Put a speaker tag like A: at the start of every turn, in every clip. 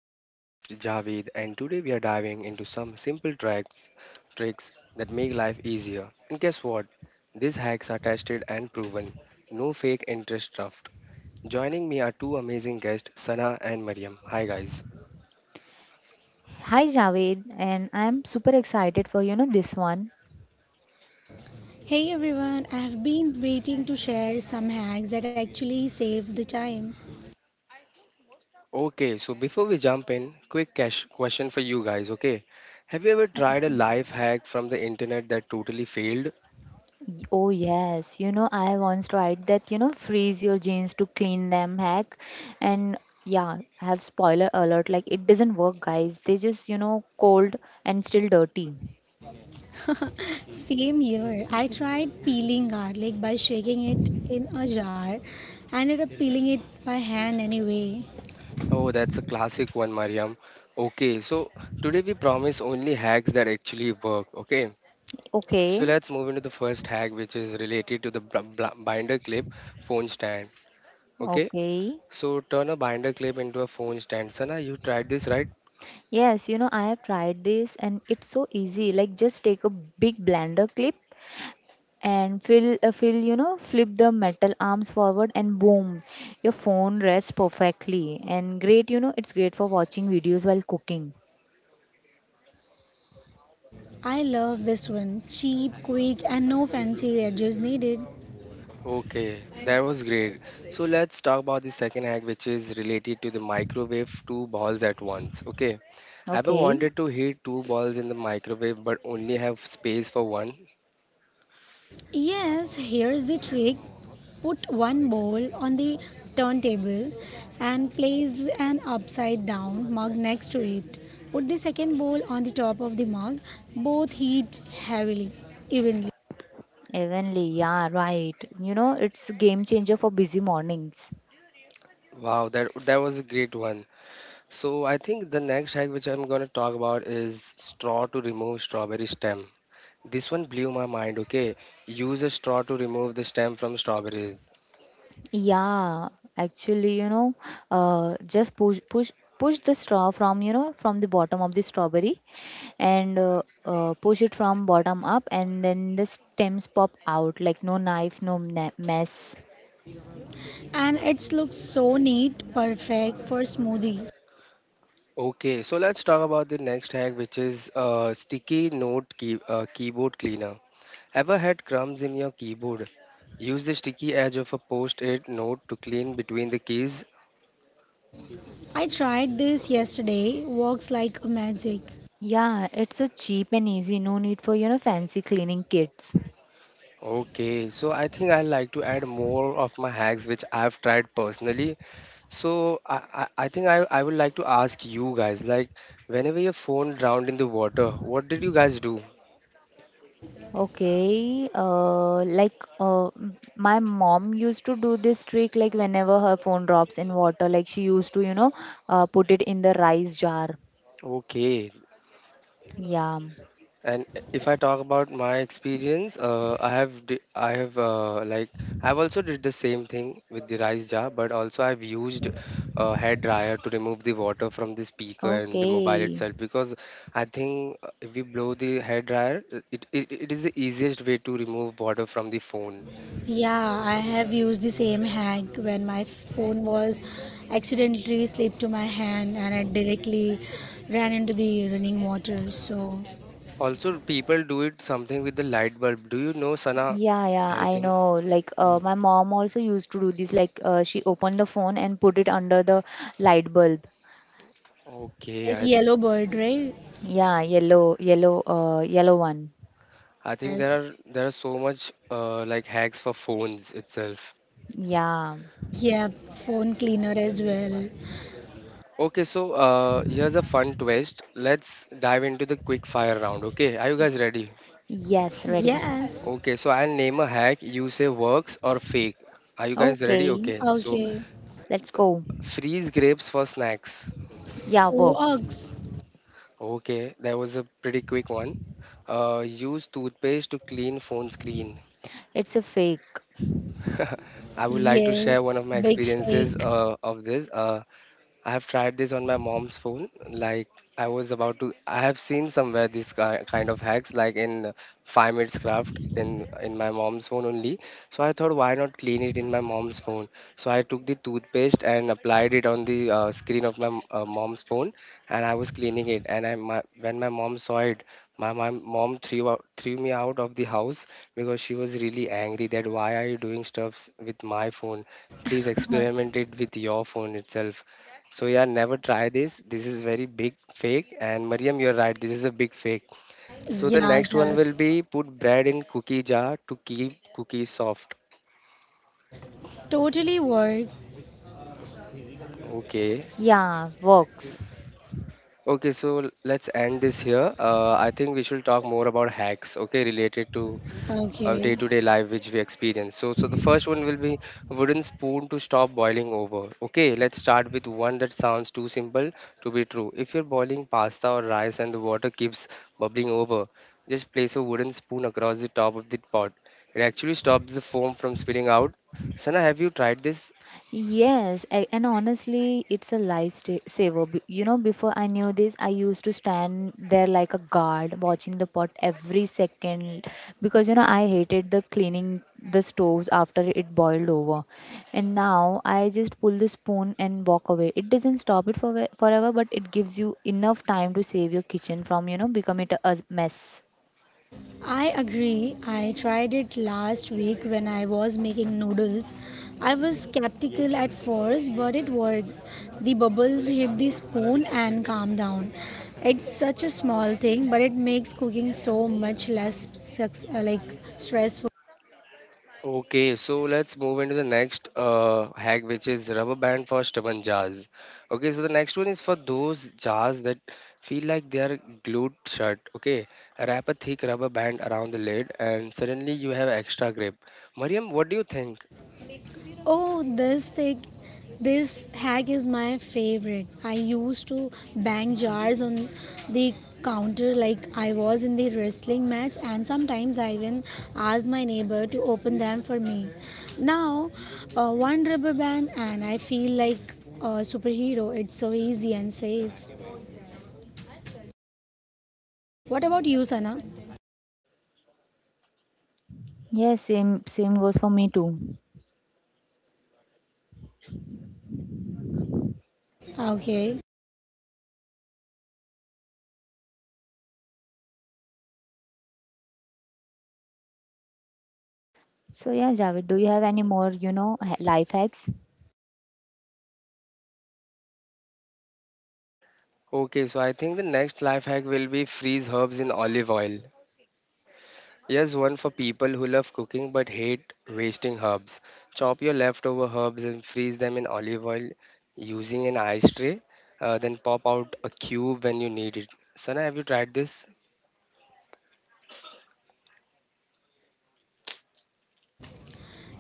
A: I'm your host Javed, and today we are diving into some simple tricks, tricks that make life easier. And guess what? These hacks are tested and proven. No fake interest stuff. Joining me are two amazing guests, Sana and Mariam. Hi, guys.
B: Hi Javed, and I'm super excited for this one.
C: Hey everyone, I've been waiting to share some hacks that actually save the time.
A: Okay, so before we jump in, quick cash question for you guys. Okay, have you ever tried a life hack from the internet that totally failed?
B: Oh yes, I once tried that freeze your jeans to clean them hack, and yeah, I have spoiler alert like it doesn't work, guys. They just cold and still dirty.
C: Same here. I tried peeling garlic by shaking it in a jar. I ended up peeling it by hand anyway.
A: Oh, that's a classic one, Mariam. Okay, so today we promise only hacks that actually work. Okay, so
B: Okay,
A: let's move into the first hack, which is related to the binder clip phone stand. Okay,
B: okay.
A: so turn a binder clip into a phone stand. Sana, you tried this, right?
B: Yes, I have tried this, and it's so easy. Like just take a big blender clip and flip the metal arms forward and boom, your phone rests perfectly. And great, it's great for watching videos while cooking.
C: I love this one. Cheap, quick, and no fancy edges needed.
A: Okay, that was great. So let's talk about the second hack, which is related to the microwave two balls at once. Okay, ever
B: Okay,
A: wanted to heat two balls in the microwave but only have space for one?
C: Yes, here's the trick. Put one bowl on the turntable and place an upside down mug next to it. Put the second bowl on the top of the mug. Both evenly.
B: evenly, yeah, right. It's a game changer for busy mornings.
A: Wow, that was a great one. So I think the next hack which I'm going to talk about is straw to remove strawberry stem. This one blew my mind, okay? Use a straw to remove the stem from strawberries.
B: Yeah, actually, just push the straw from, from the bottom of the strawberry, and push it from bottom up, and then the stems pop out like no knife, no mess.
C: And it looks so neat, perfect for smoothie.
A: Okay, so let's talk about the next hack which is sticky note key, keyboard cleaner. Ever had crumbs in your keyboard? Use the sticky edge of a post-it note to clean between the keys.
C: I tried this yesterday, works like magic.
B: Yeah, it's so cheap and easy. No need for, fancy cleaning kits.
A: Okay, so I think I like to add more of my hacks which I've tried personally. So I think I would like to ask you guys, like whenever your phone drowned in the water, what did you guys do?
B: Okay, my mom used to do this trick like whenever her phone drops in water, like she used to, put it in the rice jar.
A: Okay.
B: Yeah.
A: And if I talk about my experience, I have like I've also did the same thing with the rice jar, but also I've used a hair dryer to remove the water from the speaker and the mobile
B: Okay.
A: itself because I think if we blow the hair dryer, it is the easiest way to remove water from the phone.
C: Yeah, I have used the same hack when my phone was accidentally slipped to my hand and it directly ran into the running water. So,
A: Also, people do it something with the light bulb. Do you know, Sana,
B: Yeah, yeah, I
A: anything?
B: know. Like, my mom also used to do this. Like, she opened the phone and put it under the light bulb.
A: Okay,
C: yes, yellow bird, right?
B: Yeah, yellow one.
A: I think
C: Yes.
A: there are so much like hacks for phones itself.
B: Yeah.
C: Yeah, phone cleaner as well.
A: Okay, so here's a fun twist. Let's dive into the quick fire round. Okay, are you guys ready?
B: Yes, ready.
C: Yes.
A: Okay, so I'll name a hack. You say works or fake. Are you guys ready?
B: Okay,
A: Okay, so
C: Okay.
B: let's go.
A: freeze grapes for snacks.
B: Yeah, works.
C: Ox.
A: Okay, that was a pretty quick one. Use toothpaste to clean phone screen.
B: It's a fake.
A: I would like to share
C: Yes.
A: one of my
C: Big
A: experiences
C: fake.
A: of this. I have tried this on my mom's phone. Like I was about to, I have seen somewhere this kind of hacks, like in Five Minutes Craft in my mom's phone only. So I thought, why not clean it in my mom's phone? So I took the toothpaste and applied it on the screen of my mom's phone, and I was cleaning it. And when my mom saw it, my mom threw me out of the house because she was really angry that why are you doing stuffs with my phone? Please experiment it with your phone itself, so yeah, never try this. This is very big fake. And Mariam, you're right. This is a big fake. So the
C: Yeah,
A: next one
C: that
A: will be put bread in cookie jar to keep cookies soft.
C: totally worked.
A: Okay.
B: Yeah, works.
A: Okay. So let's end this here. I think we should talk more about hacks. Okay, related to of
C: Okay.
A: day-to-day life which we experience. So, the first one will be wooden spoon to stop boiling over. Okay, let's start with one that sounds too simple to be true. If you're boiling pasta or rice and the water keeps bubbling over, just place a wooden spoon across the top of the pot. It actually stops the foam from spilling out. Sana, have you tried this?
B: Yes, and honestly, it's a lifesaver. You know, before I knew this, I used to stand there like a guard watching the pot every second because, I hated the cleaning the stoves after it boiled over. And now I just pull the spoon and walk away. It doesn't stop it for forever, but it gives you enough time to save your kitchen from, becoming a mess.
C: I agree. I tried it last week when I was making noodles. I was skeptical at first, but it worked. The bubbles hit the spoon and calmed down. It's such a small thing, but it makes cooking so much less like stressful.
A: Okay, so let's move into the next hack, which is rubber band for stubborn jars. Okay, so the next one is for those jars that feel like they are glued shut. Okay, wrap a thick rubber band around the lid, and suddenly you have extra grip. Mariam, what do you think?
C: Oh, this hack is my favorite. I used to bang jars on the counter like I was in the wrestling match, and sometimes I even asked my neighbor to open them for me. Now, one rubber band, and I feel like a superhero. It's so easy and safe. What about you, Sana?
B: Yes, same goes for me too.
C: Okay.
B: So yeah, Javed, do you have any more, life hacks?
A: Okay, so I think the next life hack will be freeze herbs in olive oil. Yes, one for people who love cooking but hate wasting herbs. Chop your leftover herbs and freeze them in olive oil using an ice tray. Then pop out a cube when you need it. Sana, have you tried this?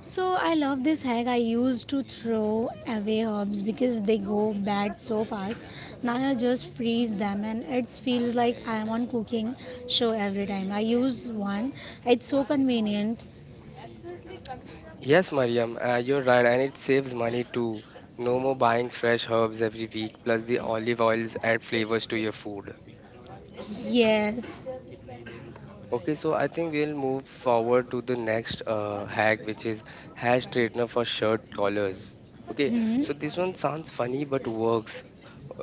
C: So I love this hack. I used to throw away herbs because they go bad so fast. Now I just freeze them and it feels like I am on cooking show every time. I use one. It's so convenient.
A: Yes, Mariam, you're right, and it saves money too. No more buying fresh herbs every week, plus the olive oils add flavors to your food.
C: Yes.
A: Okay, so I think we'll move forward to the next hack, which is hair straightener for shirt collars. Okay,
C: Hmm.
A: so this one sounds funny but works.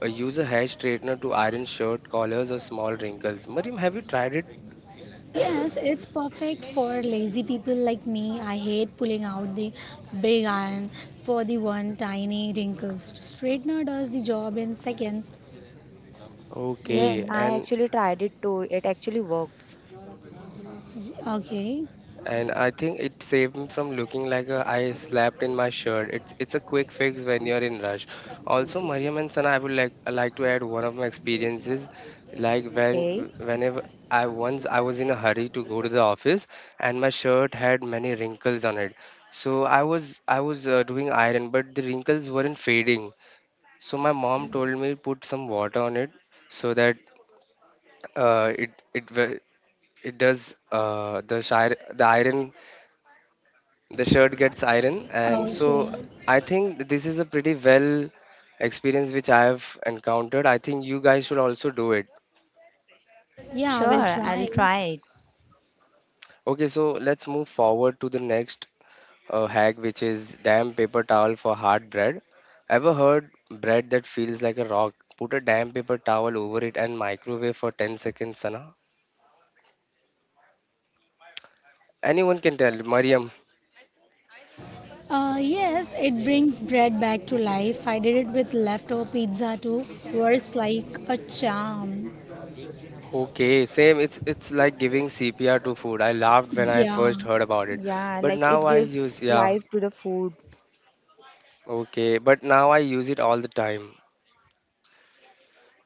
A: Use a hair straightener to iron shirt collars or small wrinkles. Mariam, have you tried it?
C: Yes, it's perfect for lazy people like me. I hate pulling out the big iron for the one tiny wrinkles. Straightener does the job in seconds.
B: Yes,
A: Okay,
C: Hmm.
B: I
A: and
B: actually tried it too. It actually works.
C: Okay.
A: I think it saved me from looking like a, I slapped in my shirt. It's a quick fix when you're in rush. Also, Mariam and Sana, I would like to add one of my experiences, like
B: Okay.
A: whenever I was in a hurry to go to the office and my shirt had many wrinkles on it. So I was doing iron, but the wrinkles weren't fading. So my mom told me put some water on it so that uh, it it wa- it does the shirt gets iron, and so
C: Okay.
A: I think this is a pretty well experience which I have encountered. I think you guys should also do it.
C: Yeah, I will
B: Sure, I'll
C: try.
B: try it.
A: Okay, so let's move forward to the next hack which is damn paper towel for hard bread. Ever heard bread that feels like a rock? Put a damn paper towel over it and microwave for 10 seconds, Sana. Anyone can tell, Mariam.
C: Yes, it brings bread back to life. I did it with leftover pizza too. Works like a charm.
A: Okay, same. It's like giving CPR to food. I laughed when I
C: Yeah,
A: first heard about it,
B: Yeah,
A: but
B: like
A: now
B: it
A: I
B: gives
A: use yeah,
B: life to the food.
A: okay, but now I use it all the time.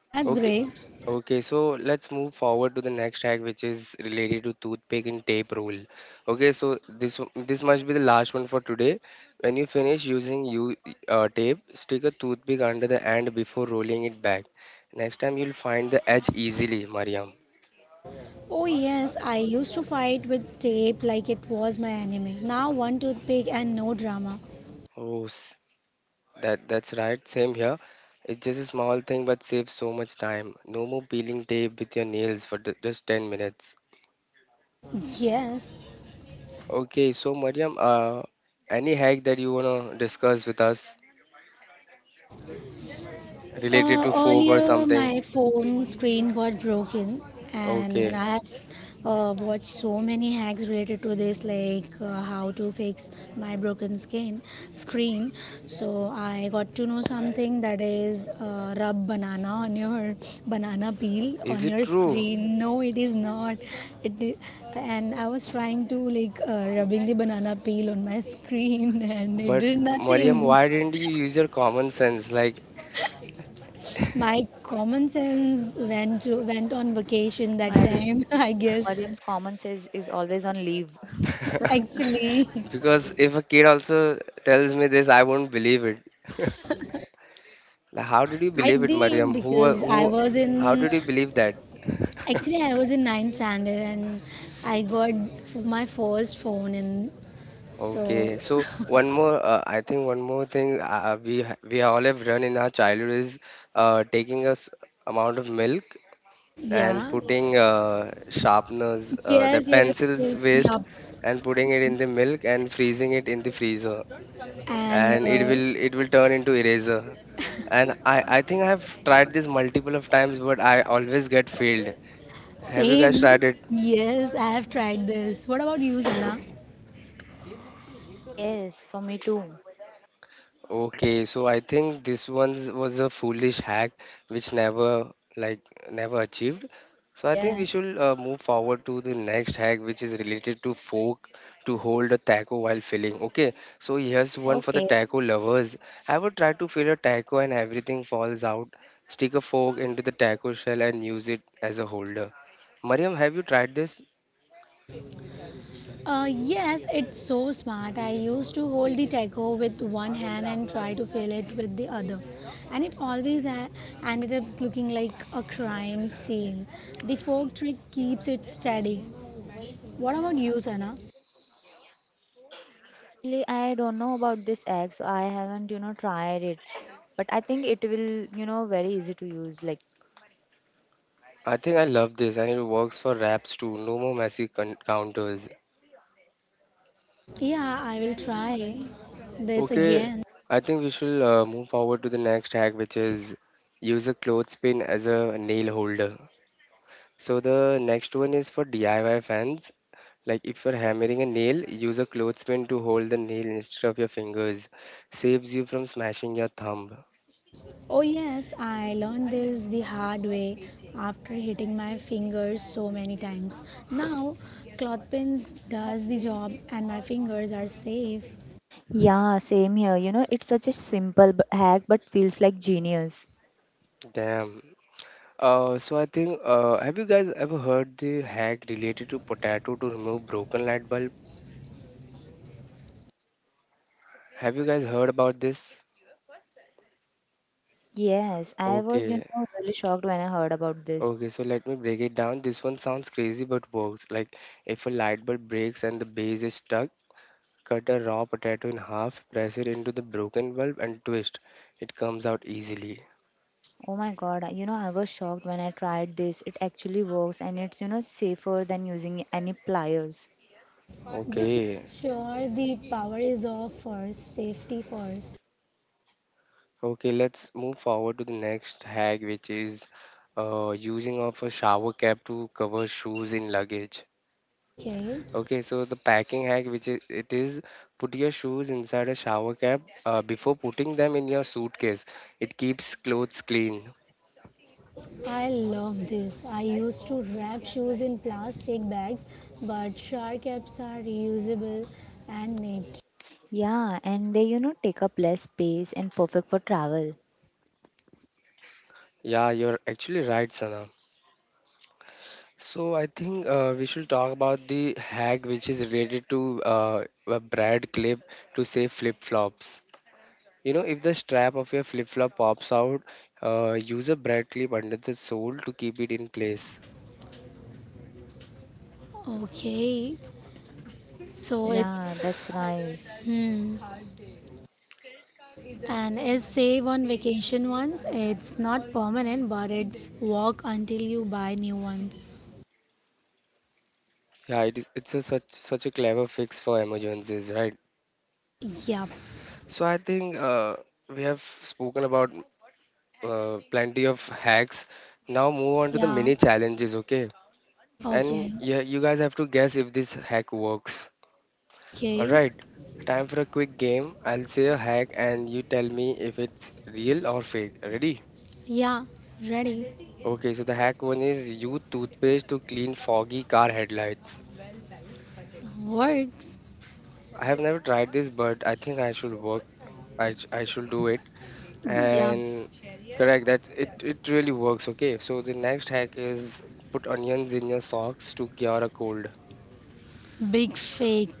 C: that's
A: Okay,
C: great.
A: okay. So let's move forward to the next hack, which is related to toothpick and tape rule. Okay, so this must be the last one for today. When you finish using you tape, stick a toothpick under the end before rolling it back. Next time you'll find the edge easily, Mariam.
C: Oh, yes, I used to fight with tape like it was my anime. Now, one toothpick and no drama.
A: Oh, that that's right. Same here. It's just a small thing, but saves so much time. No more peeling tape with your nails for the, just 10 minutes.
C: Yes.
A: Okay, so Mariam, any hack that you wanna discuss with us related
C: Uh,
A: to fork or
C: earlier,
A: something?
C: my phone screen got broken, and
A: Okay,
C: I have watched so many hacks related to this, like how to fix my broken skin screen. So I got to know something that is rub banana on your banana peel
A: is
C: on
A: it
C: your
A: true?
C: screen. No, it is not. It i- and I was trying to like rubbing the banana peel on my screen, and it
A: But
C: did
A: Mariam,
C: nothing.
A: why didn't you use your common sense? Like,
C: My common sense went on vacation that
B: Mariam,
C: time, I guess.
B: Mariam's common sense is always on leave.
C: Actually,
A: because if a kid also tells me this, I won't believe it. Like, how did you
C: I
A: believe it,
C: did
A: Mariam?
C: because I was
A: How
C: in
A: did you believe that?
C: actually I was in ninth standard and my first phone and so
A: Okay, so one more, I think one more thing we all have run in our childhood is taking a amount of milk and
C: yeah,
A: putting sharpeners, the
C: yes, yes,
A: pencils
C: yes,
A: waste,
C: yup.
A: and putting it in the milk and freezing it in the freezer,
C: And
A: and it will turn into eraser. And I think I've tried this multiple of times, but I always get failed. Have you guys
C: same,
A: tried it?
C: yes, I have tried this. What about you, Sana?
B: Yes, for me too.
A: Okay, so I think this one was a foolish hack which never like never achieved. So I think
C: Yeah.
A: we should move forward to the next hack which is related to fork to hold a taco while filling. Okay, so here's one for the
B: Okay.
A: taco lovers. Ever would try to fill a taco and everything falls out. Stick a fork into the taco shell and use it as a holder. Mariam, have you tried this?
C: Yes, it's so smart. I used to hold the taco with one hand and try to fill it with the other, and it always ended up looking like a crime scene. The fork trick keeps it steady. What about you, Sana?
B: Actually, I don't know about this egg, so I haven't, tried it. But I think it will, very easy to use. Like
A: I think I love this and it works for wraps too. No more messy con counters.
C: Yeah, I will try this
A: Okay,
C: again.
A: I think we shall move forward to the next hack, which is use a clothespin as a nail holder. So the next one is for DIY fans. Like if you're hammering a nail, use a clothespin to hold the nail instead of your fingers. Saves you from smashing your thumb.
C: Oh, yes, I learned this the hard way after hitting my fingers so many times. Now, clothpins does the job and my fingers are safe.
B: yeah, same here. You know, it's such a simple hack but feels like genius.
A: Damn. So I think have you guys ever heard the hack related to potato to remove broken light bulb? Have you guys heard about this?
B: Yes, I was,
A: Okay.
B: really shocked when I heard about this.
A: Okay, so let me break it down. This one sounds crazy but works. Like if a light bulb breaks and the base is stuck, cut a raw potato in half, press it into the broken bulb and twist. It comes out easily.
B: Oh my God, you know, I was shocked when I tried this. It actually works and it's, safer than using any pliers.
C: Just
A: Okay.
C: make sure the power is off first, safety first.
A: Okay, let's move forward to the next hack which is using of a shower cap to cover shoes in luggage.
C: Okay,
A: Okay, so the packing hack which is it is put your shoes inside a shower cap before putting them in your suitcase. It keeps clothes clean.
C: I love this. I used to wrap shoes in plastic bags, but shower caps are reusable and neat.
B: Yeah, and they, take up less space and perfect for travel.
A: Yeah, you're actually right, Sana. So I think we should talk about the hack which is related to a Brad clip to save flip-flops. You know, if the strap of your flip-flop pops out, use a Brad clip under the sole to keep it in place.
C: Okay, so
B: Yeah, that's nice.
C: hmm, and an essay on vacation ones. It's not permanent, but it's work until you buy new ones.
A: Yeah, it's a such a clever fix for emergencies, right?
C: Yep.
A: So I think we have spoken about plenty of hacks. Now move on to the
C: Yeah.
A: mini challenges, okay? And
C: Okay.
A: yeah, you guys have to guess if this hack works.
C: Okay.
A: Alright, time for a quick game. I'll say a hack and you tell me if it's real or fake. Ready?
C: Yeah. Ready.
A: Okay, so the hack one is use toothpaste to clean foggy car headlights.
C: Works.
A: I have never tried this, but I think I should work. I should do it.
C: Yep.
A: And correct, that's it really works. Okay, so the next hack is put onions in your socks to cure a cold.
C: Big fake.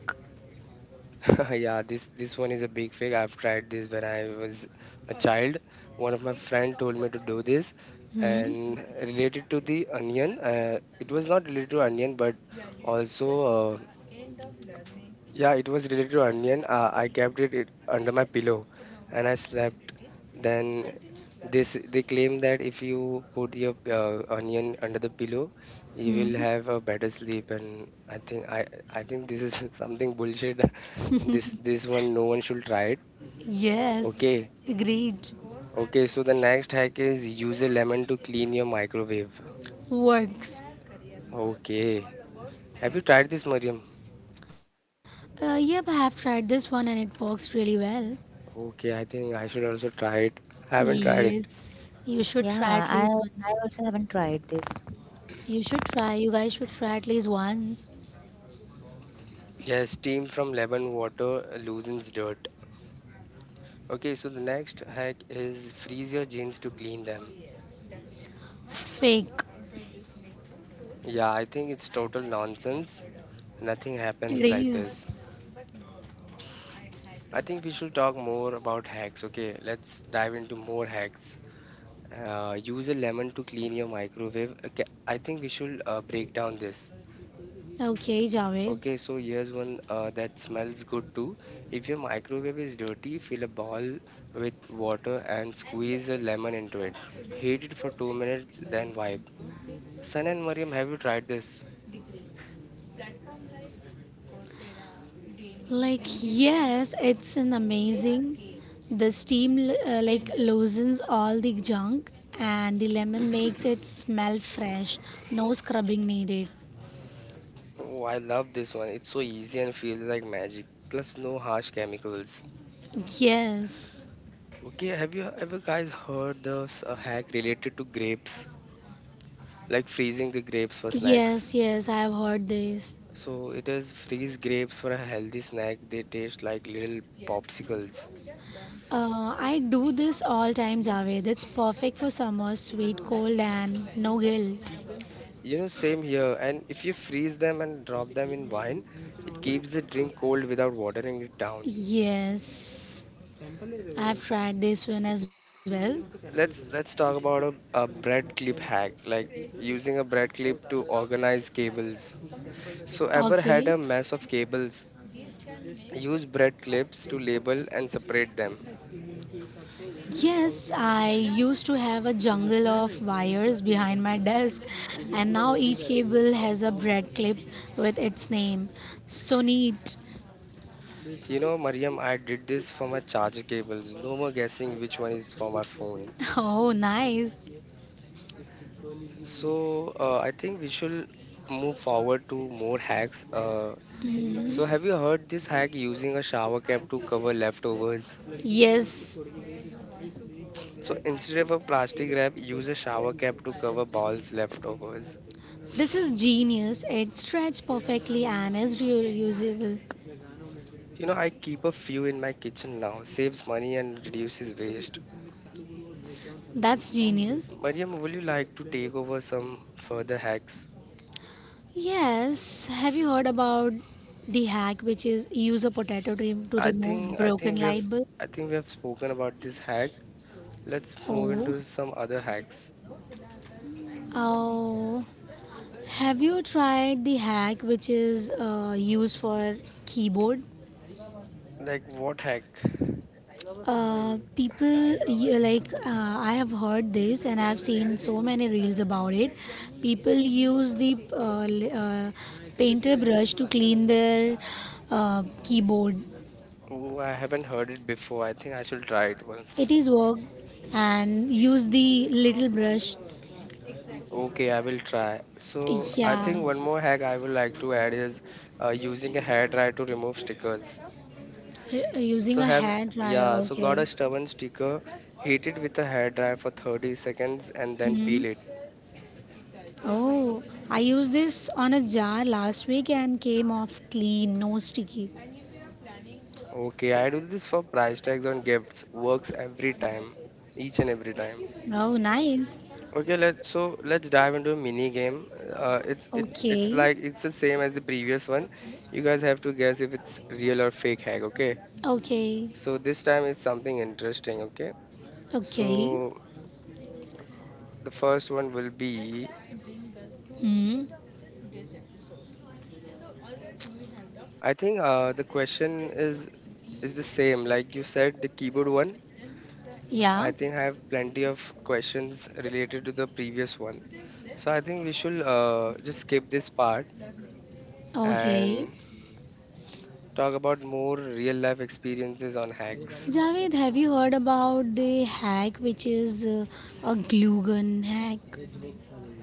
A: Yeah, this one is a big fake. I've tried this when I was a child. One of my friend told me to do this,
C: Hmm?
A: and related to the onion, it was not related to onion, but also yeah, it was related to onion. I kept it under my pillow and I slept. Then this they claim that if you put your onion under the pillow, you will
C: Hmm?
A: have a better sleep. And I think I think this is something bullshit. This this one no one should try it.
C: Yes,
A: Okay.
C: agreed.
A: Okay, so the next hack is use a lemon to clean your microwave.
C: Works.
A: Okay. Have you tried this, Mariam?
C: Yep, I have tried this one and it works really well.
A: Okay, I think I should also try it. I haven't tried it.
C: Yes, you should try
B: Yeah,
C: at least
B: I
C: once.
B: also haven't tried this.
C: You should try, you guys should try at least once.
A: Yes, steam from lemon water loosens dirt. Okay, so the next hack is freeze your jeans to clean them.
C: Fake.
A: Yeah, I think it's total nonsense. Nothing
C: It
A: happens like
C: is.
A: this. I think we should talk more about hacks. Okay, let's dive into more hacks. Use a lemon to clean your microwave. Okay, I think we should break down this.
C: Okay, Javed.
A: Okay, so here's one that smells good too. If your microwave is dirty, fill a bowl with water and squeeze a lemon into it. Heat it for 2 minutes, then wipe. Sun and Mariam, have you tried this?
C: Like, yes, it's an amazing. The steam loosens all the junk and the lemon makes it smell fresh. No scrubbing needed.
A: Oh, I love this one. It's so easy and feels like magic. Plus, no harsh chemicals.
C: Yes.
A: Okay, have you ever guys heard this hack related to grapes? Like freezing the grapes for snacks.
C: Yes, yes, I have heard this.
A: So it is freeze grapes for a healthy snack. They taste like little popsicles.
C: I do this all times, Javed. It's perfect for summer, sweet, cold, and no guilt.
A: You know, same here. And if you freeze them and drop them in wine, it keeps the drink cold without watering it down.
C: Yes, I've tried this one as well.
A: Let's talk about a bread clip hack, like using a bread clip to organize cables. So ever had
C: Okay.
A: a mess of cables? Use bread clips to label and separate them.
C: Yes, I used to have a jungle of wires behind my desk, and now each cable has a bread clip with its name. So neat.
A: You know, Mariam, I did this for my charger cables. No more guessing which one is for my phone.
C: Oh, nice.
A: So I think we should move forward to more hacks. So,
C: Mm.
A: have you heard this hack using a shower cap to cover leftovers?
C: Yes,
A: So, instead of a plastic wrap, use a shower cap to cover balls leftovers.
C: this is genius. It stretched perfectly and is reusable.
A: You know, I keep a few in my kitchen now, saves money and reduces waste.
C: That's genius.
A: Mariam, would you like to take over some further hacks?
C: Yes, have you heard about the hack which is use a potato to, to
A: I
C: remove
A: think I
C: broken
A: think we have
C: light bulb?
A: I think we have spoken about this hack. Let's move
C: Oh,
A: into some other hacks.
C: oh. Have you tried the hack which is used for keyboard?
A: Like what hack?
C: People you, like I have heard this and I've seen so many reels about it. People use the painter brush to clean their keyboard.
A: Oh, I haven't heard it before. I think I should try it
C: It
A: once.
C: is work and use the little brush.
A: Okay, I will try. So I
C: Yeah,
A: think one more hack I would like to add is using a hairdryer to remove stickers.
C: using
A: So
C: a
A: have
C: hair dryer.
A: Yeah, so got
C: Okay.
A: a stubborn sticker, heat it with a hairdryer for 30 seconds and then
C: Hmm.
A: peel it.
C: Oh, I used this on a jar last week and came off clean, no sticky.
A: Okay, I do this for price tags on gifts. Works every time, each and every time.
C: Oh, nice.
A: Okay, let's dive into a mini game. It's it it's
C: Okay,
A: like it's the same as the previous one. You guys have to guess if it's real or fake hack. Okay.
C: okay,
A: So this time is something interesting, okay? So
C: okay.
A: the first one will be,
C: Hmm.
A: I think the question is the same. Like you said, the keyboard one.
C: Yeah,
A: I think I have plenty of questions related to the previous one. So I think we should just skip this part
C: okay.
A: and talk about more real life experiences on hacks.
C: Javed, have you heard about the hack which is a glue gun hack?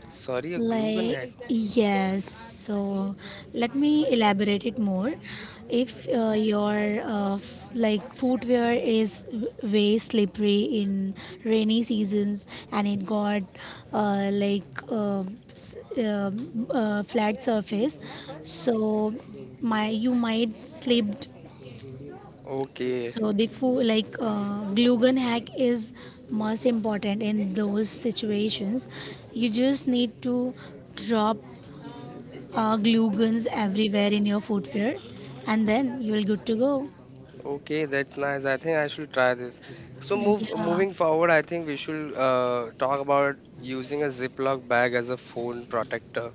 A: Sorry, a glue gun hack.
C: Like, yes, so let me elaborate it more. If your f- like footwear is way slippery in rainy seasons and it got uh, like uh, s- uh, flat surface, so my you might slipped.
A: Okay,
C: So the glue gun hack is most important in those situations. You just need to drop glue guns everywhere in your footwear, and then you will good to go.
A: okay, that's nice. I think I should try this. So move
C: Yeah.
A: moving forward, I think we should talk about using a Ziploc bag as a phone protector.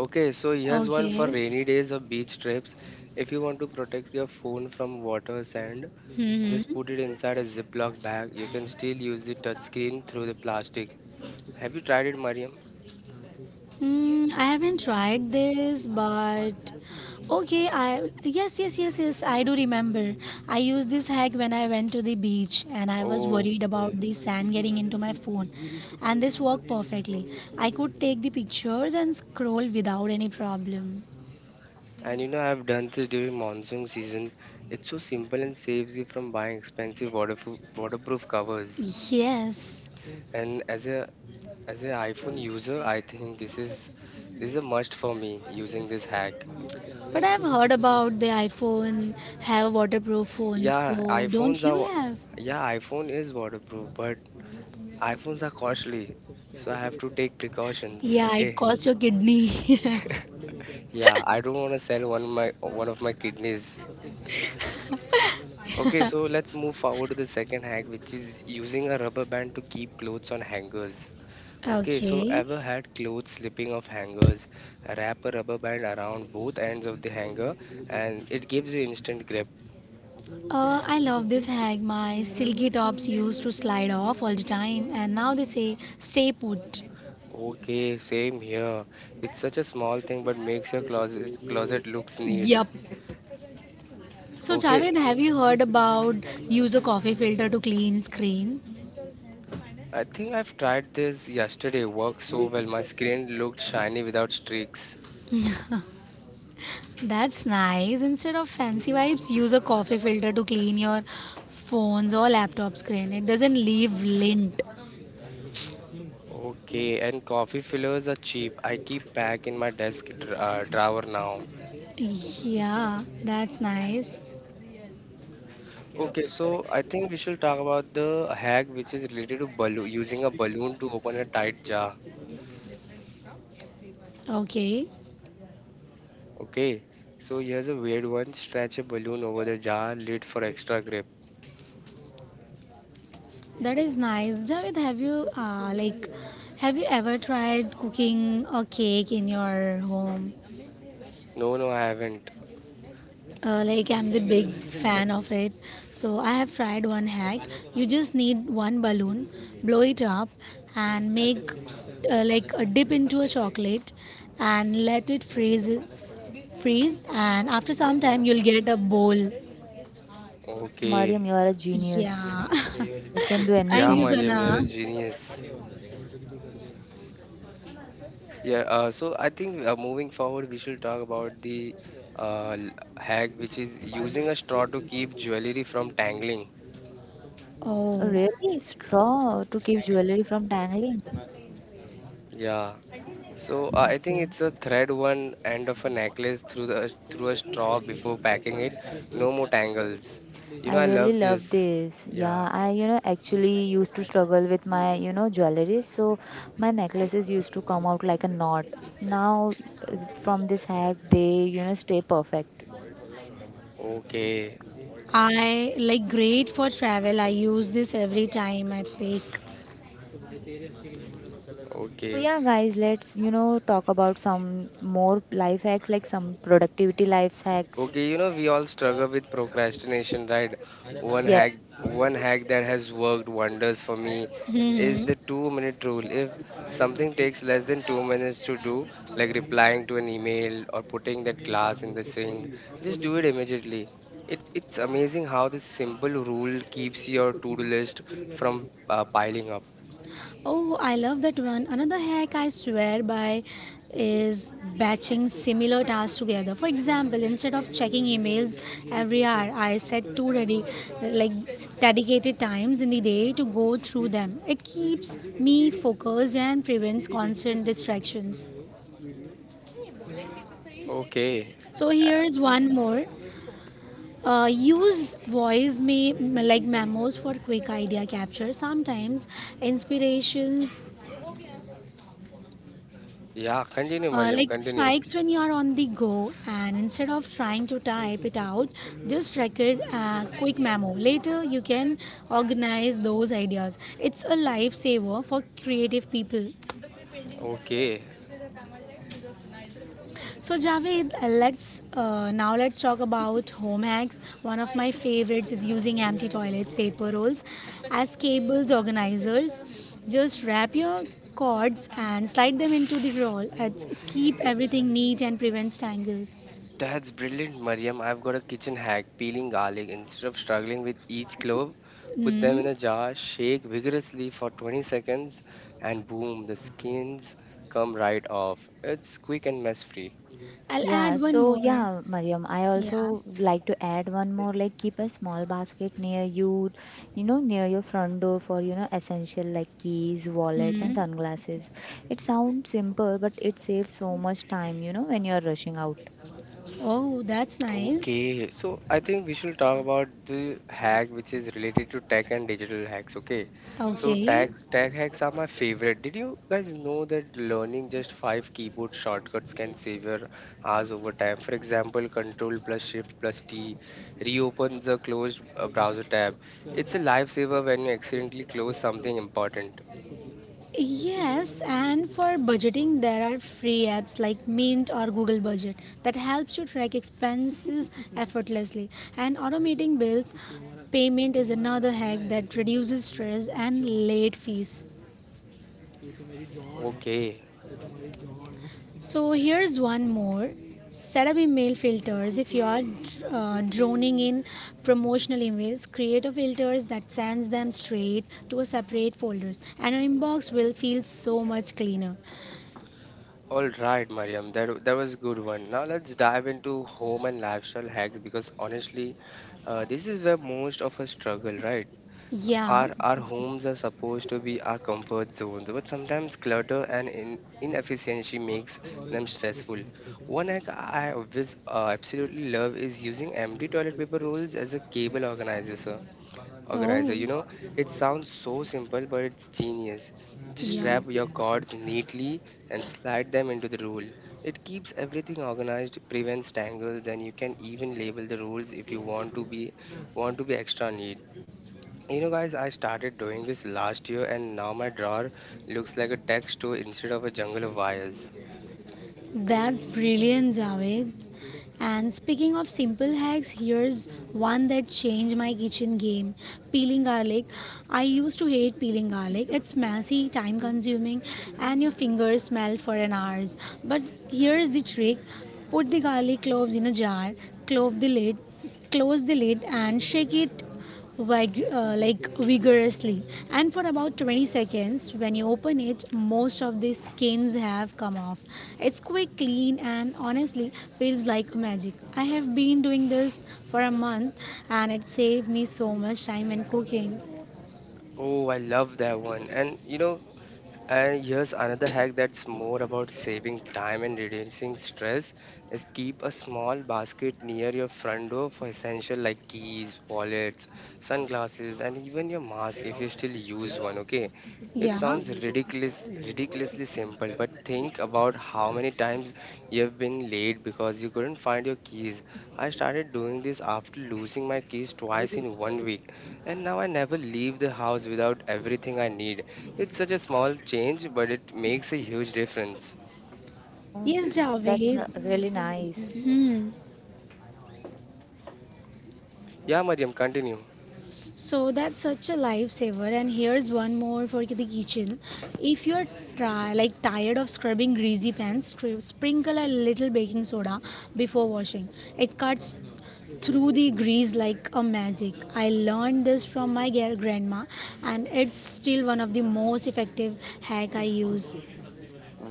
A: Okay, so here's one for
C: Okay.
A: rainy days or beach trips. If you want to protect your phone from water, sand,
C: Hmm.
A: just put it inside a Ziploc bag. You can still use the touchscreen through the plastic. Have you tried it, Mariam?
C: Mm, I haven't tried this, but okay. I yes, yes, yes, yes. I do remember. I used this hack when I went to the beach, and I was
A: Oh,
C: worried
A: yeah.
C: about the sand getting into my phone, and this worked perfectly. I could take the pictures and scroll without any problem.
A: And I've done this during monsoon season. It's so simple and saves you from buying expensive waterproof covers.
C: Yes.
A: And as a iPhone user, I think this is a must for me using this hack.
C: But I've heard about the iPhone have waterproof phones,
A: Yeah,
C: so don't you have?
A: iPhone is waterproof, but iPhones are costly, so I have to take precautions.
C: Yeah, it
A: Okay.
C: costs your kidney.
A: Yeah, I don't want to sell one of my kidneys. Okay, so let's move forward to the second hack, which is using a rubber band to keep clothes on hangers. Okay, so
C: Okay.
A: ever had clothes slipping off hangers? Wrap a rubber band around both ends of the hanger and it gives you instant grip.
C: I love this hack. My silky tops used to slide off all the time, and now they say stay put.
A: Okay, same here. It's such a small thing but makes your closet looks neat.
C: Yup. So,
A: Okay,
C: Javed, have you heard about use a coffee filter to clean screen?
A: I think I've tried this yesterday. Worked so well. My screen looked shiny without streaks.
C: That's nice. Instead of fancy wipes, use a coffee filter to clean your phone's or laptop screen. It doesn't leave lint.
A: Okay, and coffee fillers are cheap. I keep pack in my desk drawer now.
C: Yeah, that's nice.
A: Okay, so I think we should talk about the hack which is related to balloon using a balloon to open a tight jar.
C: Okay,
A: Okay, so here's a weird one. Stretch a balloon over the jar lid for extra grip.
C: that is nice. Javed, have you ever tried cooking a cake in your home?
A: No, no, I haven't.
C: I'm the big fan of it, so I have tried one hack. You just need one balloon, blow it up and make a dip into a chocolate and let it freeze, and after some time you'll get a bowl.
A: Okay,
B: Mariam, you are a genius.
C: Yeah.
B: You can do
C: Thank
A: yeah,
C: you,
B: anything.
A: Mariam, you're
C: Sana.
A: a genius. Yeah, so I think moving forward, we should talk about the uh, l- hack which is using a straw to keep jewelry from tangling.
B: Oh,
C: Oh,
B: really? Straw to keep jewelry from tangling?
A: Yeah, so I think
B: Okay.
A: it's a thread one end of a necklace through a straw before packing it. No more tangles. You know
B: I
A: I
B: really
A: love
B: love
A: this.
B: this.
A: Yeah.
B: Yeah, I, actually used to struggle with my, jewelry. So my necklaces used to come out like a knot. Now, from this hack, they, stay perfect.
A: Okay.
C: I like great for travel, I use this every time I bake.
B: So
A: Okay.
B: yeah, guys, let's, talk about some more life hacks, like some productivity life hacks.
A: Okay, we all struggle with procrastination, right? One hack, one hack that has worked wonders for me is
C: Hmm.
A: the 2 minute rule. If something takes less than 2 minutes to do, like replying to an email or putting that glass in the sink, just do it immediately. It's amazing how this simple rule keeps your to-do list from piling up.
C: Oh, I love that one. Another hack I swear by is batching similar tasks together. For example, instead of checking emails every hour, I set two ready, like dedicated times in the day to go through them. It keeps me focused and prevents constant distractions.
A: Okay.
C: So here's one more. Use voice may like memos for quick idea capture. Sometimes inspirations
A: Yeah, continue,
C: Uh,
A: Mariam,
C: like
A: continue.
C: strikes when you are on the go, and instead of trying to type it out, just record a quick memo. Later you can organize those ideas. It's a lifesaver for creative people.
A: Okay.
C: So Javed, let's now let's talk about home hacks. One of my favorites is using empty toilets paper rolls as cables organizers. Just wrap your cords and slide them into the roll. It's keep everything neat and prevents tangles.
A: That's brilliant, Mariam. I've got a kitchen hack peeling garlic. Instead of struggling with each clove, put them in
C: Hmm?
A: a jar, shake vigorously for 20 seconds, and boom, the skins come right off. It's quick and mess free.
C: I'll
B: Yeah,
C: add one
B: so
C: more.
B: yeah, Mariam, I
C: Yeah.
B: also like to add one more like keep a small basket near you, near your front door for, essential like keys, wallets, and
C: Hmm.
B: sunglasses. It sounds simple, but it saves so much time, when you're rushing out.
C: Oh, that's nice.
A: Okay, so I think we should talk about the hack which is related to tech and digital hacks. Okay, so
C: Okay.
A: tech hacks are my favorite. Did you guys know that learning just five keyboard shortcuts can save your hours over time? For example, Control plus Shift plus T reopens a closed browser tab. It's a lifesaver when you accidentally close something important.
C: Yes, and for budgeting, there are free apps like Mint or Google Budget that helps you track expenses effortlessly. And automating bills payment is another hack that reduces stress and late fees.
A: Okay,
C: So here's one more. Set up email filters. If you are droning in promotional emails, create a filters that sends them straight to a separate folders, and your inbox will feel so much cleaner.
A: All right, Mariam, that was a good one. Now let's dive into home and lifestyle hacks because honestly, this is where most of us struggle, right?
C: Yeah.
A: Our homes are supposed to be our comfort zones, but sometimes clutter and inefficiency makes them stressful. One hack I always absolutely love is using empty toilet paper rolls as a cable organizer.
C: Oh.
A: You know, it sounds so simple, but it's genius. Just
C: Yeah.
A: wrap your cords neatly and slide them into the rule. It keeps everything organized, prevents tangles, and you can even label the rules if you want to be extra neat. You know, guys, I started doing this last year, and now my drawer looks like a tech store instead of a jungle of wires.
C: That's brilliant, Javed. And speaking of simple hacks, here's one that changed my kitchen game: peeling garlic. I used to hate peeling garlic. It's messy, time consuming, and your fingers smell for an hours. But here's the trick: put the garlic cloves in a jar, clove the lid, close the lid, and shake it vigorously, and for about 20 seconds. When you open it, most of the skins have come off. It's quick, clean, and honestly feels like magic. I have been doing this for a month, and it saved me so much time in cooking.
A: Oh, I love that one. And here's another hack that's more about saving time and reducing stress is keep a small basket near your front door for essential like keys, wallets, sunglasses, and even your mask if you still use one, okay? It
C: Yeah.
A: sounds ridiculously simple, but think about how many times you've been late because you couldn't find your keys. I started doing this after losing my keys twice in one week, and now I never leave the house without everything I need. It's such a small change, but it makes a huge difference.
B: Oh,
C: Yes,
B: that's
C: Javed.
B: really nice.
C: Hmm.
A: Yeah, Mariam, continue.
C: So that's such a lifesaver. And here's one more for the kitchen. If you're try, like tired of scrubbing greasy pans, sprinkle a little baking soda before washing. It cuts through the grease like a magic. I learned this from my grandma, and it's still one of the most effective hack I use.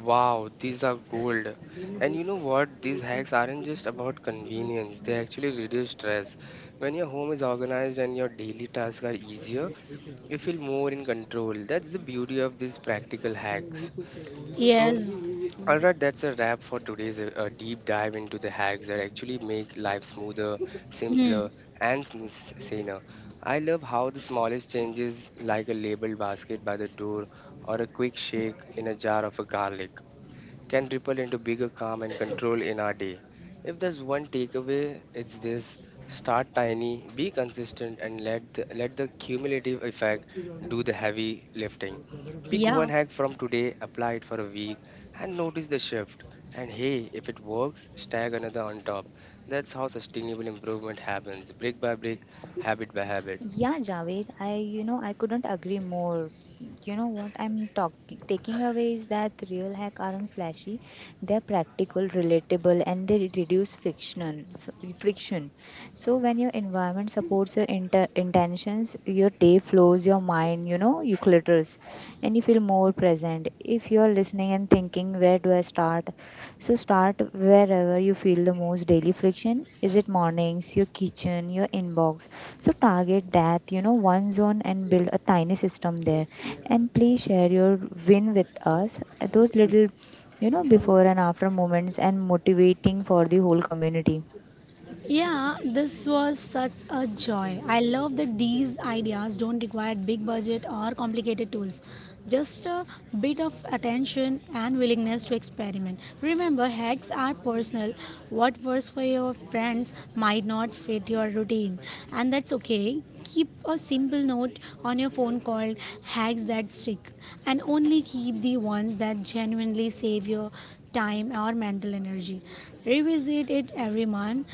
A: Wow, these are gold. And you know what? These hacks aren't just about convenience, they actually reduce stress. When your home is organized and your daily tasks are easier, you feel more in control. That's the beauty of these practical hacks. So,
C: Yes.
A: All right, that's a wrap for today's deep dive into the hacks that actually make life smoother,
C: Hmm.
A: simpler, and saner. I love how the smallest changes, like a labeled basket by the door or a quick shake in a jar of a garlic, can ripple into bigger calm and control in our day. If there's one takeaway, it's this start tiny, be consistent, and let the cumulative effect do the heavy lifting. Pick one
C: Yeah.
A: hack from today, apply it for a week, and notice the shift. And hey, if it works, stack another on top. That's how sustainable improvement happens, brick by brick, habit by habit.
B: Yeah, Javed, I couldn't agree more. You know what I'm talking taking away is that real hack aren't flashy. They're practical, relatable, and they reduce friction. So when your environment supports your intentions, your day flows, your mind, you clutters, and you feel more present. If you're listening and thinking, where do I start? So start wherever you feel the most daily friction. Is it mornings, your kitchen, your inbox? So target that, one zone and build a tiny system there. And please share your win with us. Those little, before and after moments and motivating for the whole community.
C: Yeah, this was such a joy. I love that these ideas don't require big budget or complicated tools. Just a bit of attention and willingness to experiment. Remember, hacks are personal. What works for your friends might not fit your routine, and that's okay. Keep a simple note on your phone called Hacks That Stick, and only keep the ones that genuinely save your time or mental energy. Revisit it every month,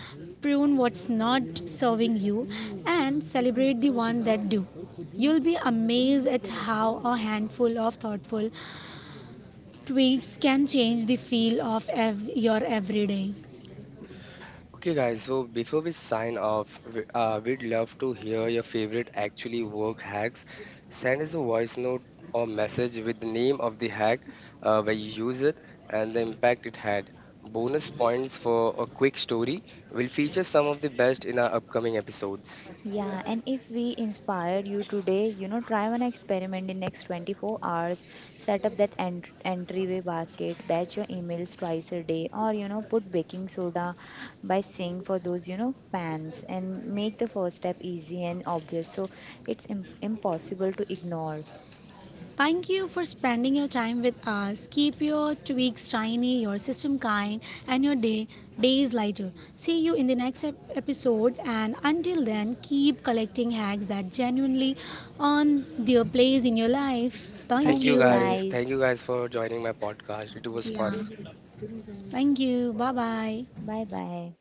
C: prune what's not serving you, and celebrate the ones that do. You'll be amazed at how a handful of thoughtful tweaks can change the feel of your everyday.
A: Okay, guys, so before we sign off, we'd love to hear your favorite actually work hacks. Send us a voice note or message with the name of the hack, where you use it, and the impact it had. Bonus points for a quick story. We'll feature some of the best in our upcoming episodes.
B: Yeah, and if we inspired you today, try one experiment in next 24 hours. Set up that entryway basket, batch your emails twice a day, or put baking soda by sink for those pans, and make the first step easy and obvious. So it's impossible to ignore.
C: Thank you for spending your time with us. Keep your tweaks shiny, your system kind, and your days lighter. See you in the next episode, and until then, keep collecting hacks that genuinely earn their place in your life. Thank
A: Thank
B: Thank
A: you,
B: you
C: you.
A: guys.
B: guys.
A: Thank you, guys, for joining my podcast. It was
C: Yeah.
A: fun.
C: Thank you. Bye bye.
B: Bye bye.